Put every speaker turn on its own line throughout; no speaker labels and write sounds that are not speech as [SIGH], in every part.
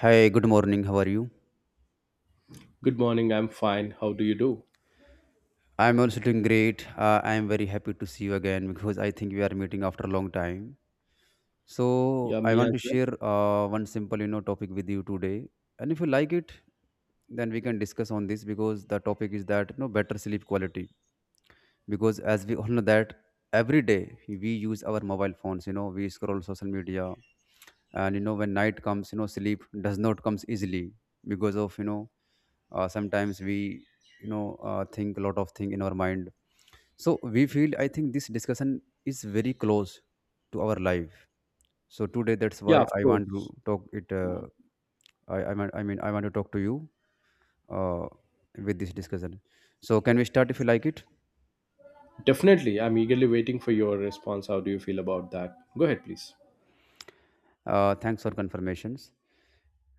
Hi, good morning. How are you?
Good morning, I'm fine. How do you do?
I'm also doing great. I'm very happy to see you again because I think we are meeting after a long time. So
Yeah,
I
me
want
as
to
well.
share one simple, topic with you today. And if you like it, then we can discuss on this because the topic is that you know better sleep quality. Because as we all know that every day we use our mobile phones, we scroll social media, and you know when night comes, sleep does not comes easily because of sometimes we think a lot of thing in our mind, so we feel, I think this discussion is very close to our life, so today that's
Yeah,
why
of
I want to
course.
talk it I mean I want to talk to you uh, with this discussion. So can we start if you like it?
Definitely. I'm eagerly waiting for your response. How do you feel about that? Go ahead, please.
Thanks for confirmations,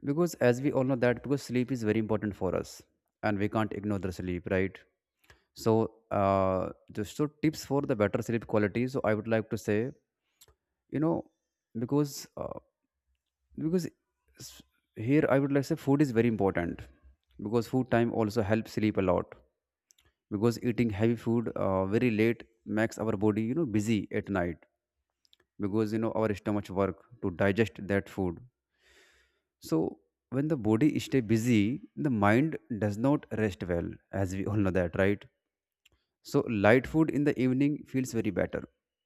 because as we all know that because sleep is very important for us and we can't ignore the sleep, right? So just so tips for the better sleep quality, so I would like to say, you know, because uh, because s- here I would like to say food is very important because food time also helps sleep a lot. Because eating heavy food very late makes our body, you know, busy at night, because you know our stomach work to digest that food. So when the body stay busy, the mind does not rest well, as we all know that, right? So light food in the evening feels very better.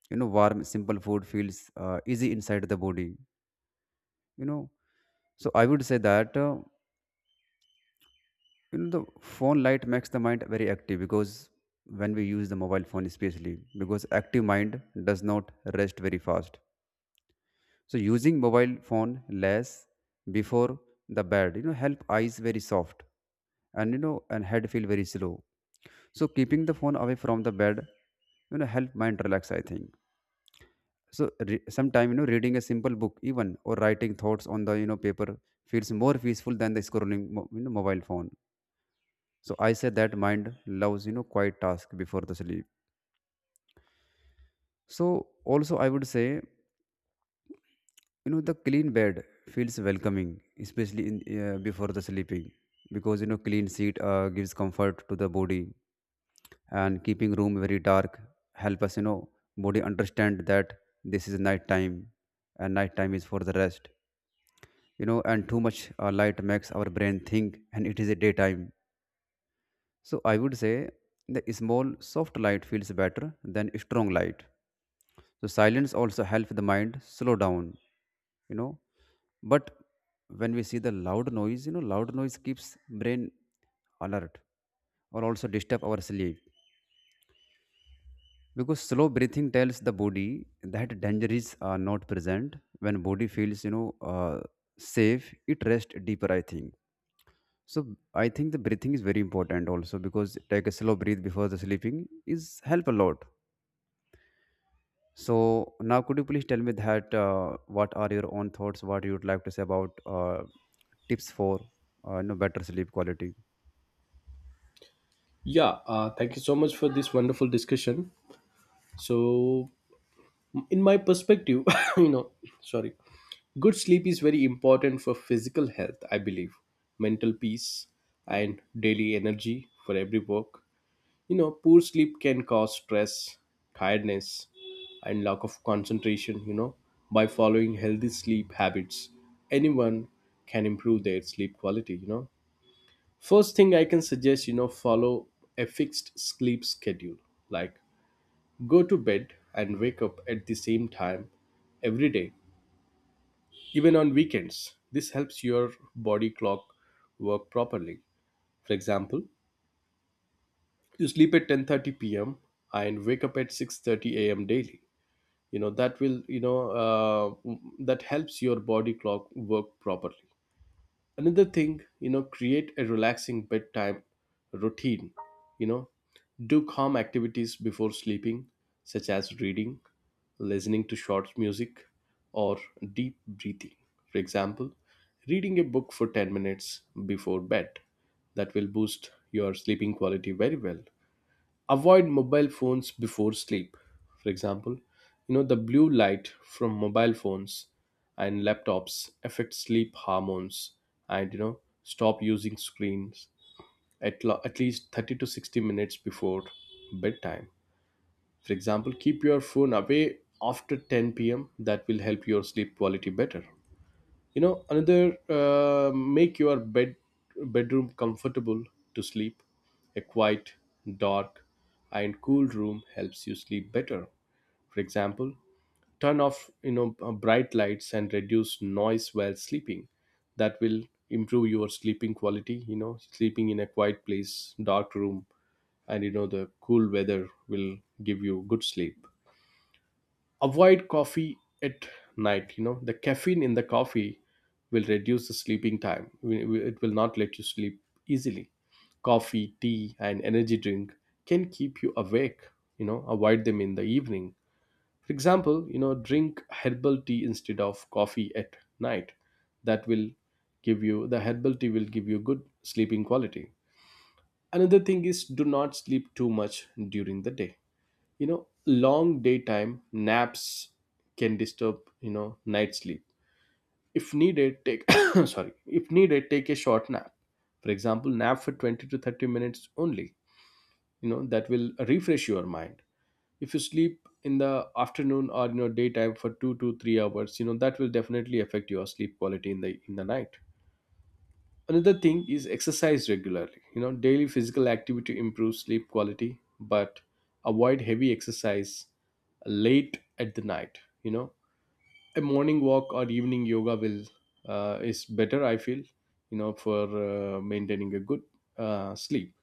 You know, warm simple food feels easy inside the body, you know. So I would say that, you know, the phone light makes the mind very active, because when we use the mobile phone especially, because active mind does not rest very fast. So using mobile phone less before the bed, you know, help eyes very soft, and you know and head feel very slow. So keeping the phone away from the bed, you know, help mind relax, I think. So sometime, you know, reading a simple book even, or writing thoughts on the, you know, paper feels more peaceful than the scrolling mobile phone. So I say that mind loves, you know, quiet task before the sleep. So also I would say, you know, the clean bed feels welcoming, especially in, before the sleeping, because you know clean seat gives comfort to the body. And keeping room very dark help us, you know, body understand that this is night time, and night time is for the rest, you know. And too much light makes our brain think and it is a daytime. So I would say the small soft light feels better than strong light. So silence also helps the mind slow down, you know. But when we see the loud noise, you know, loud noise keeps brain alert, or also disturb our sleep. Because slow breathing tells the body that danger is not present. When body feels, you know, uh, safe, it rests deeper, I think. So I think the breathing is very important also, because take a slow breath before the sleeping is help a lot. So now, could you please tell me that what are your own thoughts? What you would like to say about tips for you know better sleep quality?
Yeah, thank you so much for this wonderful discussion. So, in my perspective, [LAUGHS] you know, sorry, good sleep is very important for physical health, I believe, mental peace, and daily energy for every work. Poor sleep can cause stress, tiredness, and lack of concentration. By following healthy sleep habits, anyone can improve their sleep quality. First thing I can suggest, follow a fixed sleep schedule, like go to bed and wake up at the same time every day, even on weekends. This helps your body clock work properly. For example, you sleep at 10:30 p.m. and wake up at 6:30 a.m. daily. You know that will you know uh, that helps your body clock work properly. Another thing, create a relaxing bedtime routine. You know, do calm activities before sleeping, such as reading, listening to short music, or deep breathing. For example, reading a book for 10 minutes before bed, that will boost your sleeping quality very well. Avoid mobile phones before sleep. For example, the blue light from mobile phones and laptops affects sleep hormones, and stop using screens at least 30 to 60 minutes before bedtime. For example, keep your phone away after 10 p.m. That will help your sleep quality better. Another, make your bedroom comfortable to sleep. A quiet, dark, and cool room helps you sleep better. For example, turn off bright lights and reduce noise while sleeping. That will improve your sleeping quality. Sleeping in a quiet place, dark room, and the cool weather will give you good sleep. Avoid coffee at night. The caffeine in the coffee will reduce the sleeping time. It will not let you sleep easily. Coffee, tea, and energy drink can keep you awake. Avoid them in the evening. For example, drink herbal tea instead of coffee at night. That will give you the herbal tea will give you good sleeping quality. Another thing is, do not sleep too much during the day. Long daytime naps can disturb night sleep. If needed, take [COUGHS] sorry, if needed take a short nap. For example, nap for 20 to 30 minutes only. That will refresh your mind. If you sleep in the afternoon or daytime for 2 to 3 hours, that will definitely affect your sleep quality in the night. Another thing is exercise regularly. You know, daily physical activity improves sleep quality, but avoid heavy exercise late at the night. A morning walk or evening yoga will is better. I feel, for maintaining a good sleep.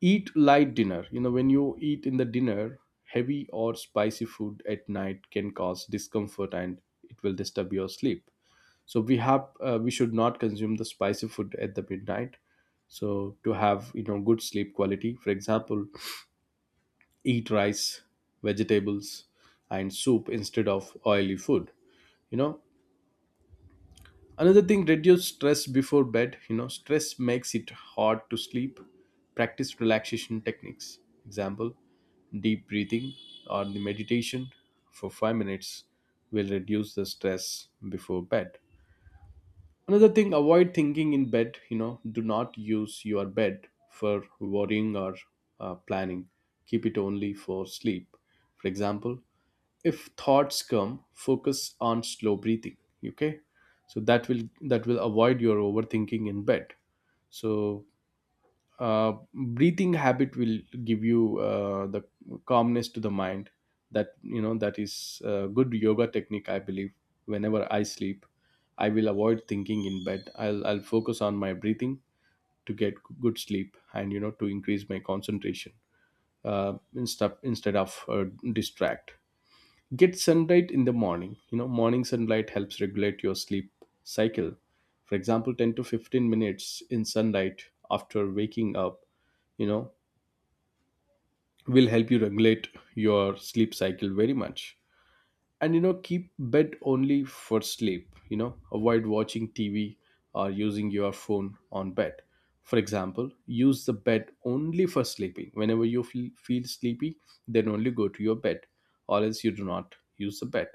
Eat light dinner. You know, when you eat in the dinner, heavy or spicy food at night can cause discomfort and it will disturb your sleep. So we should not consume the spicy food at the midnight, so to have good sleep quality. For example, eat rice, vegetables, and soup instead of oily food. you know Another thing, reduce stress before bed. Stress makes it hard to sleep. Practice relaxation techniques. Example, deep breathing or the meditation for 5 minutes will reduce the stress before bed. Another thing, avoid thinking in bed. You know, do not use your bed for worrying or planning. Keep it only for sleep. For example, if thoughts come, focus on slow breathing. Okay, so that will avoid your overthinking in bed. So breathing habit will give you the calmness to the mind. That you know That is a good yoga technique, I believe. Whenever I sleep, I will avoid thinking in bed. I'll focus on my breathing to get good sleep, and to increase my concentration, instead of distract. Get sunlight in the morning. Morning sunlight helps regulate your sleep cycle. For example, 10 to 15 minutes in sunlight after waking up, you know will help you regulate your sleep cycle very much. And keep bed only for sleep. Avoid watching TV or using your phone on bed. For example, use the bed only for sleeping. Whenever you feel sleepy, then only go to your bed, or else you do not use the bed.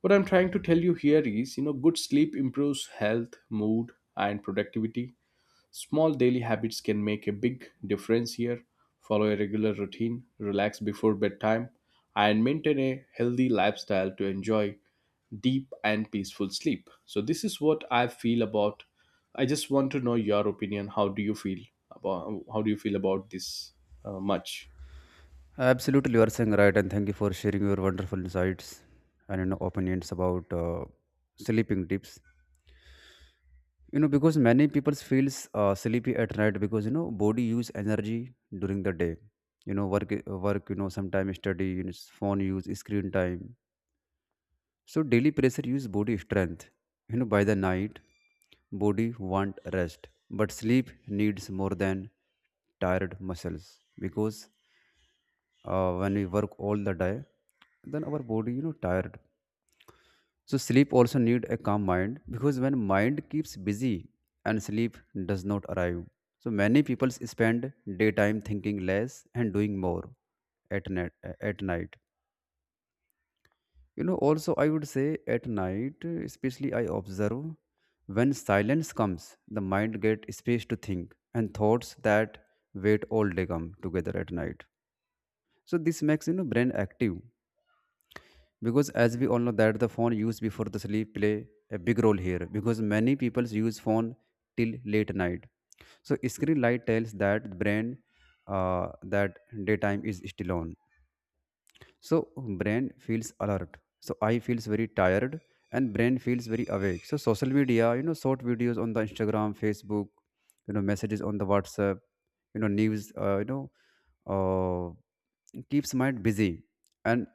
What I'm trying to tell you here is, you know, good sleep improves health, mood, and productivity. Small daily habits can make a big difference here. Follow a regular routine, relax before bedtime, and maintain a healthy lifestyle to enjoy deep and peaceful sleep. So this is what I feel about. I just want to know your opinion. How do you feel about how do you feel about this, much?
Absolutely, you are saying right, and thank you for sharing your wonderful insights and you know opinions about sleeping tips. You know because many people feels sleepy at night, because you know body use energy during the day. You know, work, you know, sometimes study, you know, phone use, screen time. So daily pressure use body strength. You know, by the night, body want rest, but sleep needs more than tired muscles, because when we work all the day, then our body, you know, tired. So sleep also need a calm mind, because when mind keeps busy and sleep does not arrive. So many people spend daytime thinking less and doing more at night. At night You know, also, I would say at night, especially, I observe, when silence comes, the mind get space to think, and thoughts that wait all day come together at night. So this makes, you know, brain active. Because as we all know that the phone use before the sleep play a big role here, because many people use phone till late night. So screen light tells that brain that daytime is still on, so brain feels alert, so I feels very tired and brain feels very awake. So social media, you know, short videos on the Instagram, Facebook, you know messages on the WhatsApp, you know news, keeps mind busy. And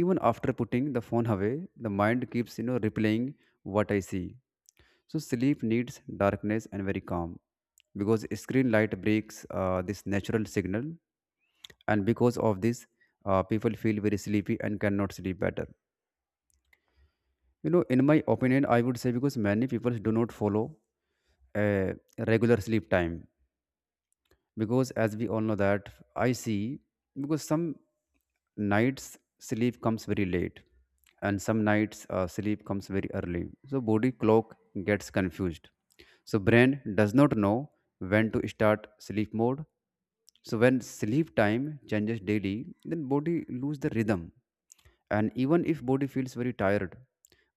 even after putting the phone away, the mind keeps, you know, replaying what I see. So sleep needs darkness and very calm, because screen light breaks, this natural signal, and because of this, people feel very sleepy and cannot sleep better. You know, in my opinion, I would say, because many people do not follow a regular sleep time, because as we all know that, I see, because some nights sleep comes very late and some nights, sleep comes very early, so body clock gets confused. So brain does not know when to start sleep mode. So when sleep time changes daily, then body lose the rhythm, and even if body feels very tired,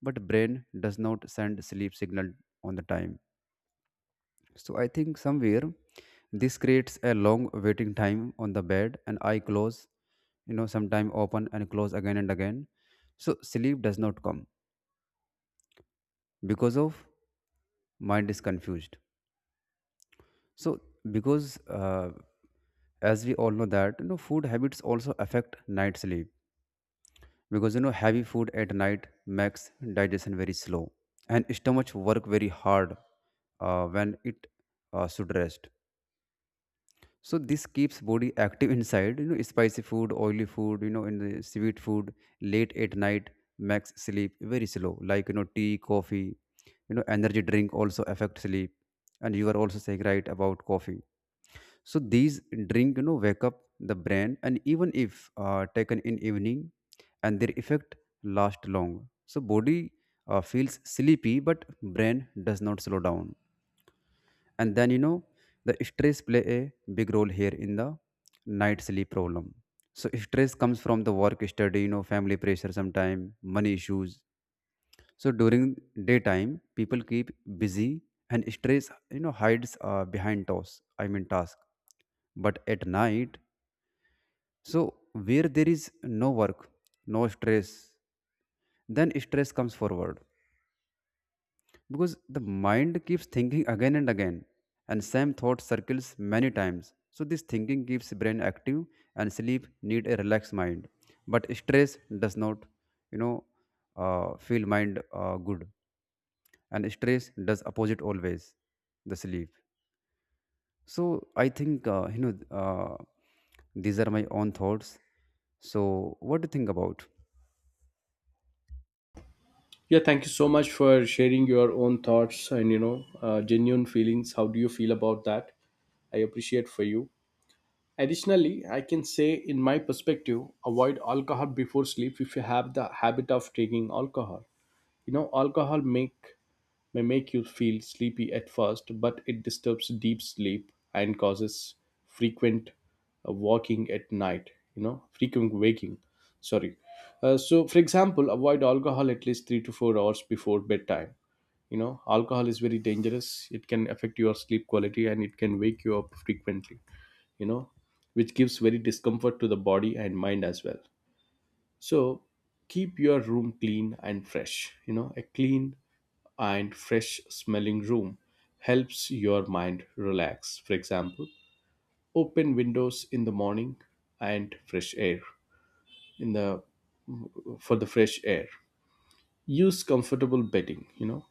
but brain does not send sleep signal on the time. So I think somewhere this creates a long waiting time on the bed, and I close, you know, sometime open and close again and again. So sleep does not come because of mind is confused. So because as we all know that you know food habits also affect night sleep, because you know heavy food at night makes digestion very slow and stomach work very hard, when it should rest. So this keeps body active inside, you know, spicy food, oily food, you know, in the sweet food, late at night makes sleep very slow. Like, you know, tea, coffee, you know, energy drink also affect sleep. And you are also saying right about coffee. So these drink, you know, wake up the brain, and even if taken in evening, and their effect last long. So body feels sleepy, but brain does not slow down. And then, you know, the stress play a big role here in the night sleep problem. So stress comes from the work, study, you know, family pressure, sometime money issues. So during daytime people keep busy and stress, you know, hides behind task I mean task but at night, so where there is no work, no stress, then stress comes forward, because the mind keeps thinking again and again and same thought circles many times. So this thinking keeps brain active, and sleep need a relaxed mind, but stress does not, you know, feel mind good, and stress does opposite always the sleep. So I think, uh, these are my own thoughts, so what do you think about?
Yeah, thank you so much for sharing your own thoughts and genuine feelings. How do you feel about that? I appreciate for you. Additionally, I can say, in my perspective, avoid alcohol before sleep if you have the habit of taking alcohol. You know, alcohol make may make you feel sleepy at first, but it disturbs deep sleep and causes frequent walking at night, you know, frequent waking. Sorry. So, for example, avoid alcohol at least 3 to 4 hours before bedtime. You know, alcohol is very dangerous. It can affect your sleep quality and it can wake you up frequently, you know, which gives very discomfort to the body and mind as well. So keep your room clean and fresh. You know, a clean and fresh smelling room helps your mind relax. For example, open windows in the morning and fresh air in the for the fresh air. Use comfortable bedding, you know.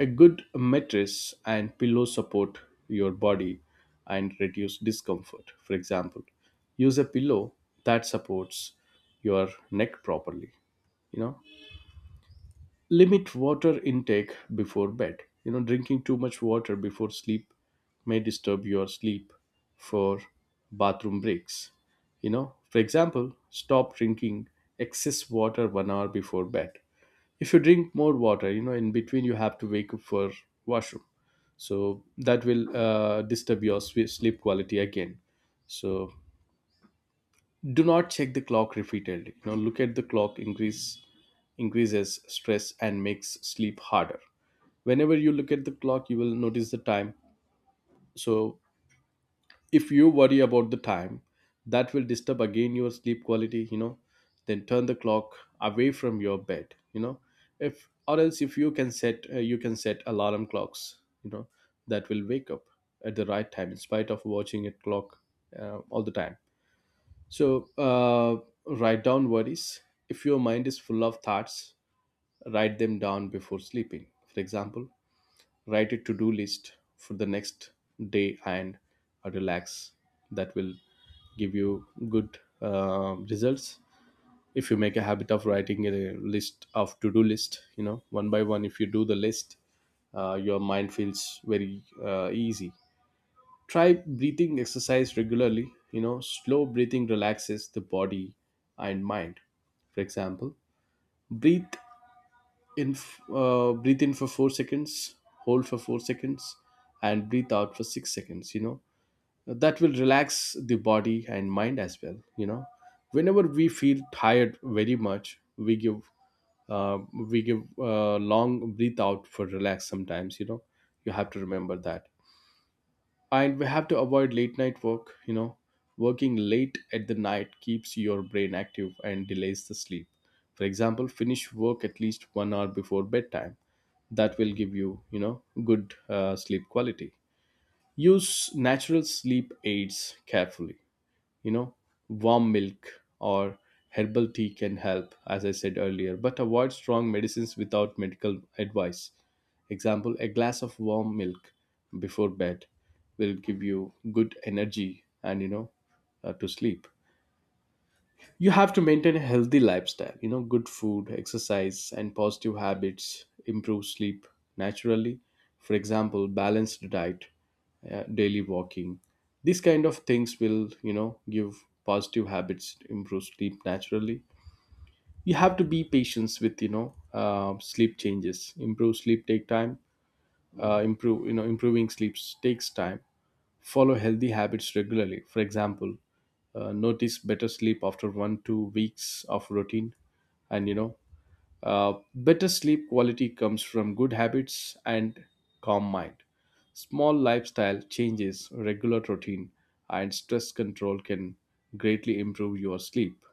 A good mattress and pillow support your body and reduce discomfort. For example, use a pillow that supports your neck properly. you know Limit water intake before bed. Drinking too much water before sleep may disturb your sleep for bathroom breaks. For example, stop drinking excess water 1 hour before bed. If you drink more water, in between you have to wake up for washroom. So that will disturb your sleep quality again. So do not check the clock repeatedly. Look at the clock, increases stress and makes sleep harder. Whenever you look at the clock, you will notice the time. So if you worry about the time, that will disturb again your sleep quality. Then turn the clock away from your bed. If or else, if you can set, you can set alarm clocks. That will wake up at the right time in spite of watching a clock all the time. So, write down worries. If your mind is full of thoughts, write them down before sleeping. For example, write a to do list for the next day and relax. That will give you good results. If you make a habit of writing a list of to do list, you know, one by one, if you do the list, your mind feels very easy. Try breathing exercise regularly. Slow breathing relaxes the body and mind. For example, breathe breathe in for 4 seconds, hold for 4 seconds, and breathe out for 6 seconds. That will relax the body and mind as well. Whenever we feel tired very much, uh, we give long breathe out for relax sometimes, you know. You have to remember that. And we have to avoid late night work. Working late at the night keeps your brain active and delays the sleep. For example, finish work at least 1 hour before bedtime. That will give you, you know good sleep quality. Use natural sleep aids carefully. you know Warm milk or herbal tea can help, as I said earlier, but avoid strong medicines without medical advice. Example, a glass of warm milk before bed will give you good energy and to sleep. You have to maintain a healthy lifestyle, you know, good food, exercise, and positive habits improve sleep naturally. For example, balanced diet, daily walking. These kind of things will, you know, give positive habits, improve sleep naturally. You have to be patient with, you know, sleep changes. Improve sleep take time. Uh, improve you know improving sleep takes time. Follow healthy habits regularly. For example, notice better sleep after 1 2 weeks of routine. And better sleep quality comes from good habits and calm mind. Small lifestyle changes, regular routine, and stress control can greatly improve your sleep.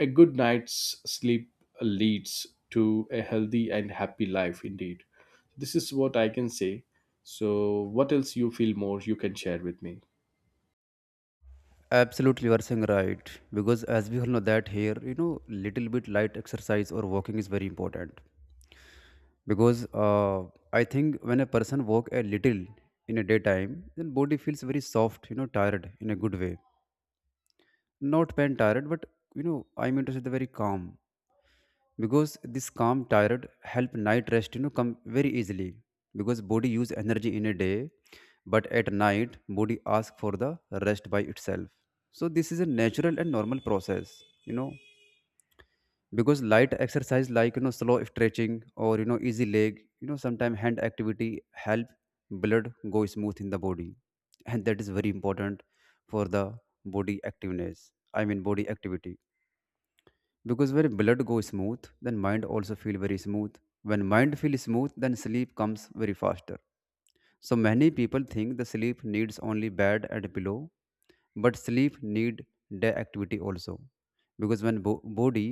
A good night's sleep leads to a healthy and happy life indeed. This is what I can say. So, what else you feel more you can share with me?
Absolutely, you are saying right. Because as we all know that here, you know, little bit light exercise or walking is very important. Because I think when a person walk a little in a daytime, then body feels very soft, you know, tired in a good way. Not pain tired, but I mean to say the very calm, because this calm tired help night rest come very easily. Because body use energy in a day, but at night body ask for the rest by itself. So this is a natural and normal process, you know because light exercise like slow stretching or easy leg, sometime hand activity help blood go smooth in the body, and that is very important for the body activeness. I mean body activity, because when blood goes smooth then mind also feel very smooth. When mind feels smooth then sleep comes very faster. So many people think the sleep needs only bed and pillow, but sleep need day activity also, because when body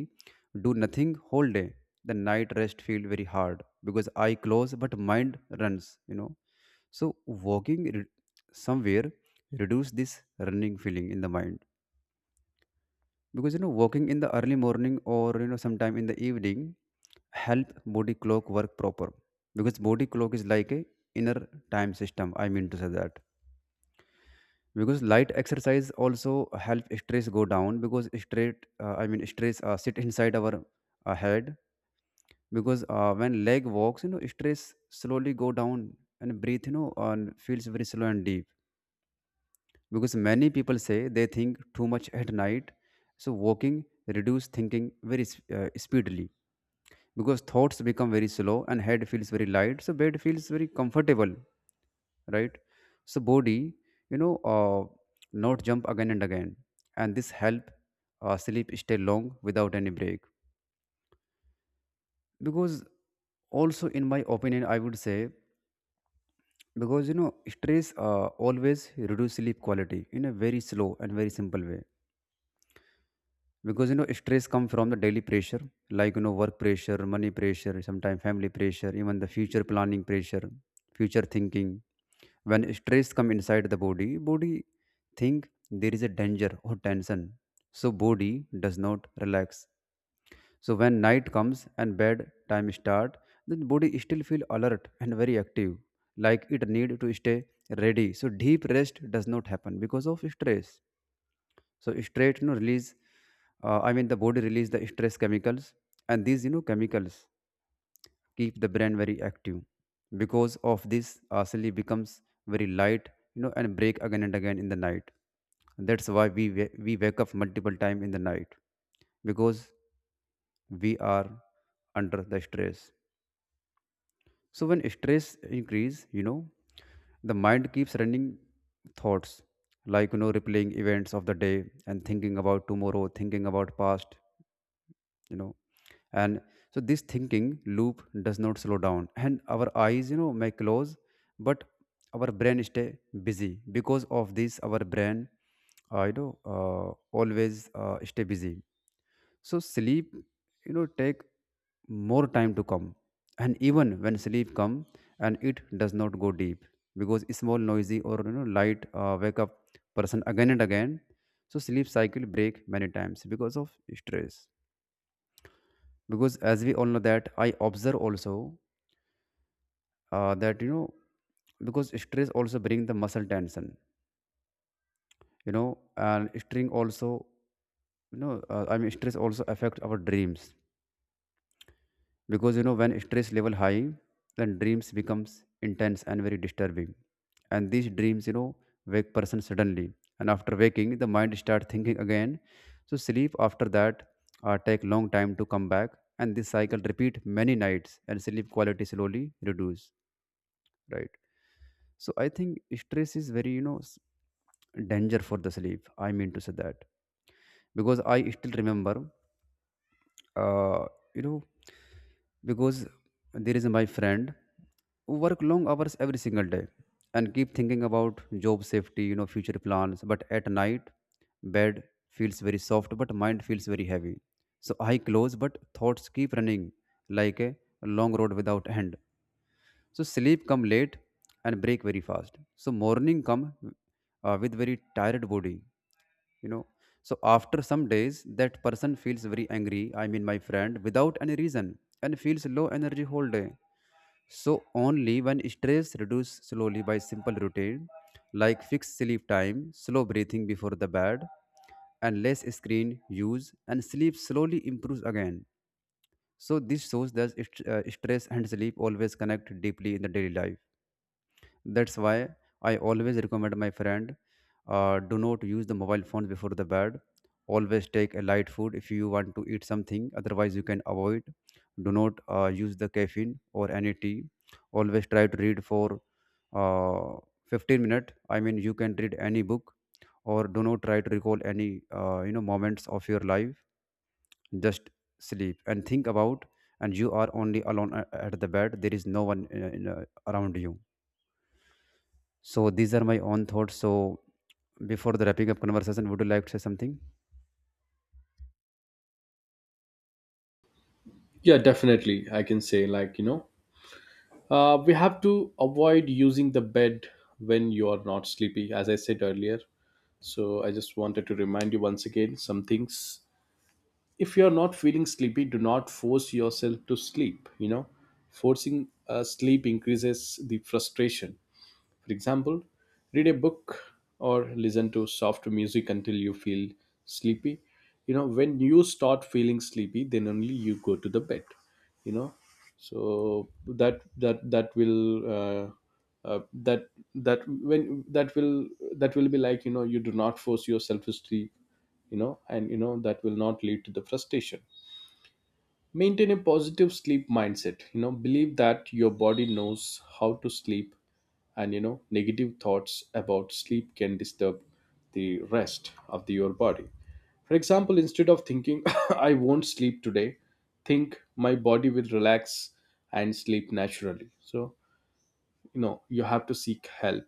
do nothing whole day, the night rest feel very hard, because eye close but mind runs, so walking somewhere reduce this running feeling in the mind. Because walking in the early morning, or sometime in the evening, help body clock work proper, because body clock is like a inner time system. I mean to say that because light exercise also help stress go down, because straight I mean stress sit inside our head, because when leg walks, stress slowly go down and breathe, and feels very slow and deep. Because many people say they think too much at night, so walking reduce thinking very speedily, because thoughts become very slow and head feels very light, so bed feels very comfortable, right? So body you know uh, not jump again and again, and this help sleep stay long without any break. Because also in my opinion I would say, because stress always reduce sleep quality in a very slow and very simple way. Because stress come from the daily pressure, like work pressure, money pressure, sometimes family pressure, even the future planning pressure, future thinking. When stress come inside the body, body think there is a danger or tension, so body does not relax. So when night comes and bed time start, then body still feel alert and very active, like it need to stay ready, so deep rest does not happen because of stress. So stress release, I mean the body release the stress chemicals, and these chemicals keep the brain very active. Because of this, asali becomes very light, and break again and again in the night. That's why we wake up multiple times in the night, because we are under the stress. So when stress increase, the mind keeps running thoughts, like replaying events of the day and thinking about tomorrow, thinking about past, you know and so this thinking loop does not slow down, and our eyes may close, but our brain stay busy. Because of this our brain always stay busy, so sleep take more time to come, and even when sleep come, and it does not go deep, because small noisy or light wake up person again and again. So sleep cycle break many times because of stress. Because as we all know, that I observe also, that because stress also bring the muscle tension, and string also, I mean stress also affect our dreams, because when stress level high, then dreams becomes intense and very disturbing. And these dreams wake person suddenly, and after waking the mind start thinking again, so sleep after that take long time to come back, and this cycle repeat many nights and sleep quality slowly reduce, right? So I think stress is very danger for the sleep, I mean to say that. Because I still remember, uh, you know because there is my friend who work long hours every single day, and keep thinking about job safety, future plans. But at night, bed feels very soft, but mind feels very heavy. So I close, but thoughts keep running like a long road without end. So sleep come late and break very fast. So morning come with very tired body, you know. So after some days, that person feels very angry. I mean, my friend, without any reason, and feels low energy whole day. So only when stress reduce slowly by simple routine, like fixed sleep time, slow breathing before the bed, and less screen use, and sleep slowly improves again. So this shows that stress and sleep always connect deeply in the daily life. That's why I always recommend my friend do not use the mobile phones before the bed. Always take a light food if you want to eat something, otherwise, you can avoid. Do not use the caffeine or any tea. Always try to read for uh, 15 minutes. I mean, you can read any book, or do not try to recall any moments of your life. Just sleep and think about, and you are only alone at the bed. There is no one around you. So these are my own thoughts. So before the wrapping up conversation, would you like to say something?
Yeah, definitely. I can say, like, you know, we have to avoid using the bed when you are not sleepy, as I said earlier. So, I just wanted to remind you once again some things. If you are not feeling sleepy, do not force yourself to sleep. You know, forcing sleep increases the frustration. For example, read a book or listen to soft music until you feel sleepy. You know, when you start feeling sleepy, then only you go to the bed. You know, so that will that that when that will be like, you know, you do not force yourself to sleep. You know, and you know that will not lead to the frustration. Maintain a positive sleep mindset. You know, believe that your body knows how to sleep, and you know, negative thoughts about sleep can disturb the rest of your body. For example, instead of thinking, [COUGHS] [LAUGHS] I won't sleep today, think my body will relax and sleep naturally. So, you know, you have to seek help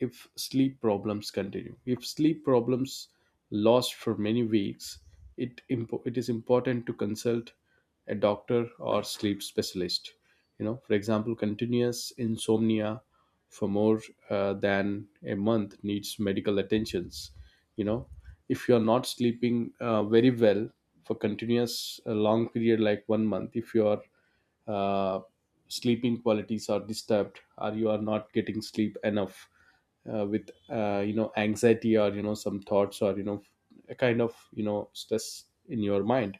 if sleep problems continue. If sleep problems last for many weeks, it is important to consult a doctor or sleep specialist. You know, for example, continuous insomnia for more than a month needs medical attentions. You know, if you are not sleeping very well for continuous long period like 1 month, if you are uh, sleeping qualities are disturbed or you are not getting sleep enough with you know anxiety or you know some thoughts or you know a kind of you know stress in your mind,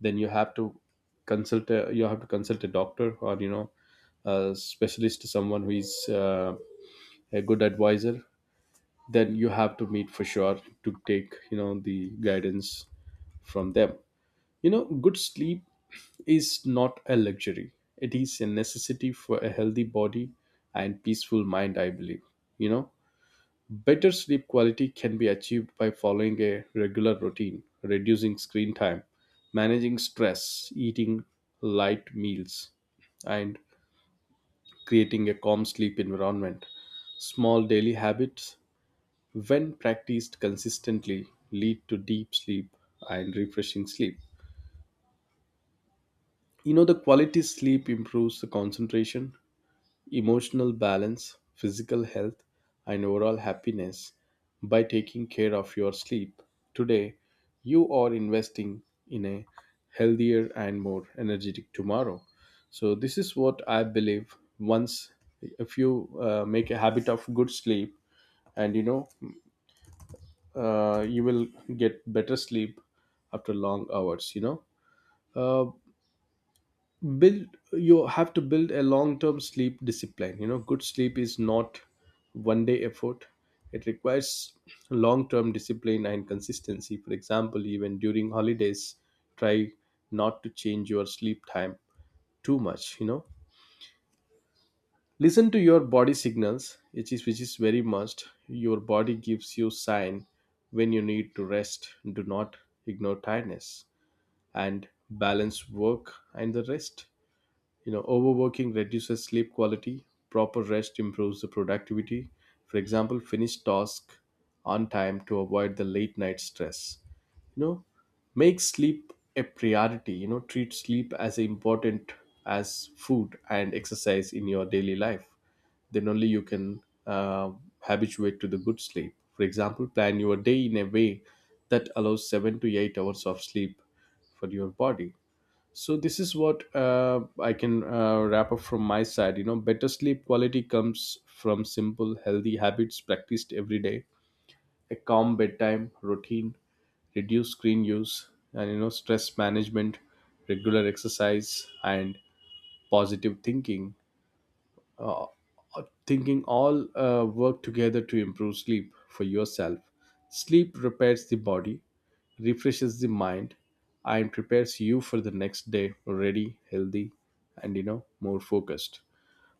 then you have to you have to consult a doctor or you know a specialist, someone who is a good advisor, then you have to meet for sure to take, you know, the guidance from them. You know, good sleep is not a luxury. It is a necessity for a healthy body and peaceful mind, I believe. You know, better sleep quality can be achieved by following a regular routine, reducing screen time, managing stress, eating light meals, and creating a calm sleep environment. Small daily habits, when practiced consistently, lead to deep sleep and refreshing sleep. You know, the quality sleep improves the concentration, emotional balance, physical health, and overall happiness by taking care of your sleep. Today, you are investing in a healthier and more energetic tomorrow. So, this is what I believe. Once if you make a habit of good sleep, and you know you will get better sleep after long hours, you know, uh, build you have to build a long term sleep discipline. You know, good sleep is not one day effort. It requires long term discipline and consistency. For example, even during holidays, try not to change your sleep time too much. You know, listen to your body signals, which is very must. Your body gives you sign when you need to rest. Do not ignore tiredness and balance work and the rest. You know, overworking reduces sleep quality, proper rest improves the productivity. For example, finish task on time to avoid the late night stress. You know, make sleep a priority, you know, treat sleep as important as food and exercise in your daily life. Then only you can habituate to the good sleep. For example, plan your day in a way that allows 7 to 8 hours of sleep for your body. So this is what I can wrap up from my side. You know, better sleep quality comes from simple, healthy habits practiced every day, a calm bedtime routine, reduce screen use, and you know, stress management, regular exercise, and positive uh, thinking all work together to improve sleep for yourself. Sleep repairs the body, refreshes the mind, and prepares you for the next day ready, healthy, and you know, more focused.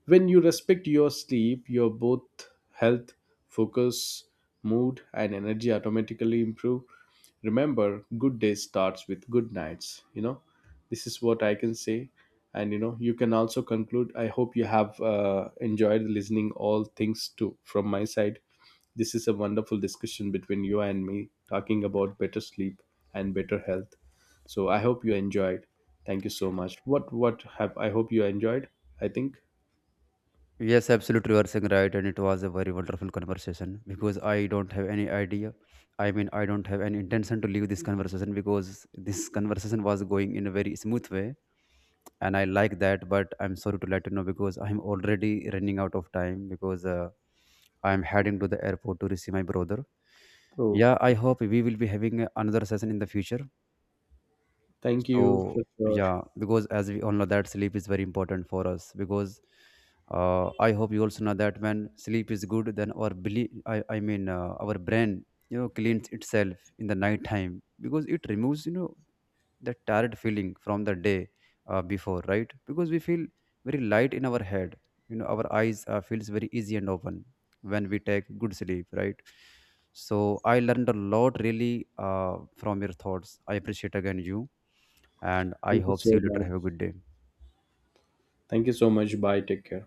When you respect your sleep, your both health, focus, mood, and energy automatically improve. Remember, good day starts with good nights. You know, this is what I can say. And you know, you can also conclude. I hope you have enjoyed listening all things to from my side. This is a wonderful discussion between you and me, talking about better sleep and better health. So I hope you enjoyed. Thank you so much. What have I hope you enjoyed? I think.
Yes, absolutely, you are saying right, and it was a very wonderful conversation because I don't have any idea. I mean, I don't have any intention to leave this conversation because this conversation was going in a very smooth way, and I like that. But I'm sorry to let you know because I'm already running out of time, because I'm heading to the airport to receive my brother.
Oh,
Yeah, I hope we will be having another session in the future.
thank you
So
for sure.
yeah, because as we all know that sleep is very important for us, because I hope you also know that when sleep is good, then our I mean our brain cleans itself in the night time, because it removes that tired feeling from the day before, right? Because we feel very light in our head, our eyes feels very easy and open when we take good sleep, right? So I learned a lot, really, from your thoughts. I appreciate again you, and I
Thank you
hope see
so
you later.
much.
Have a good day.
Thank you so much. Bye. Take care.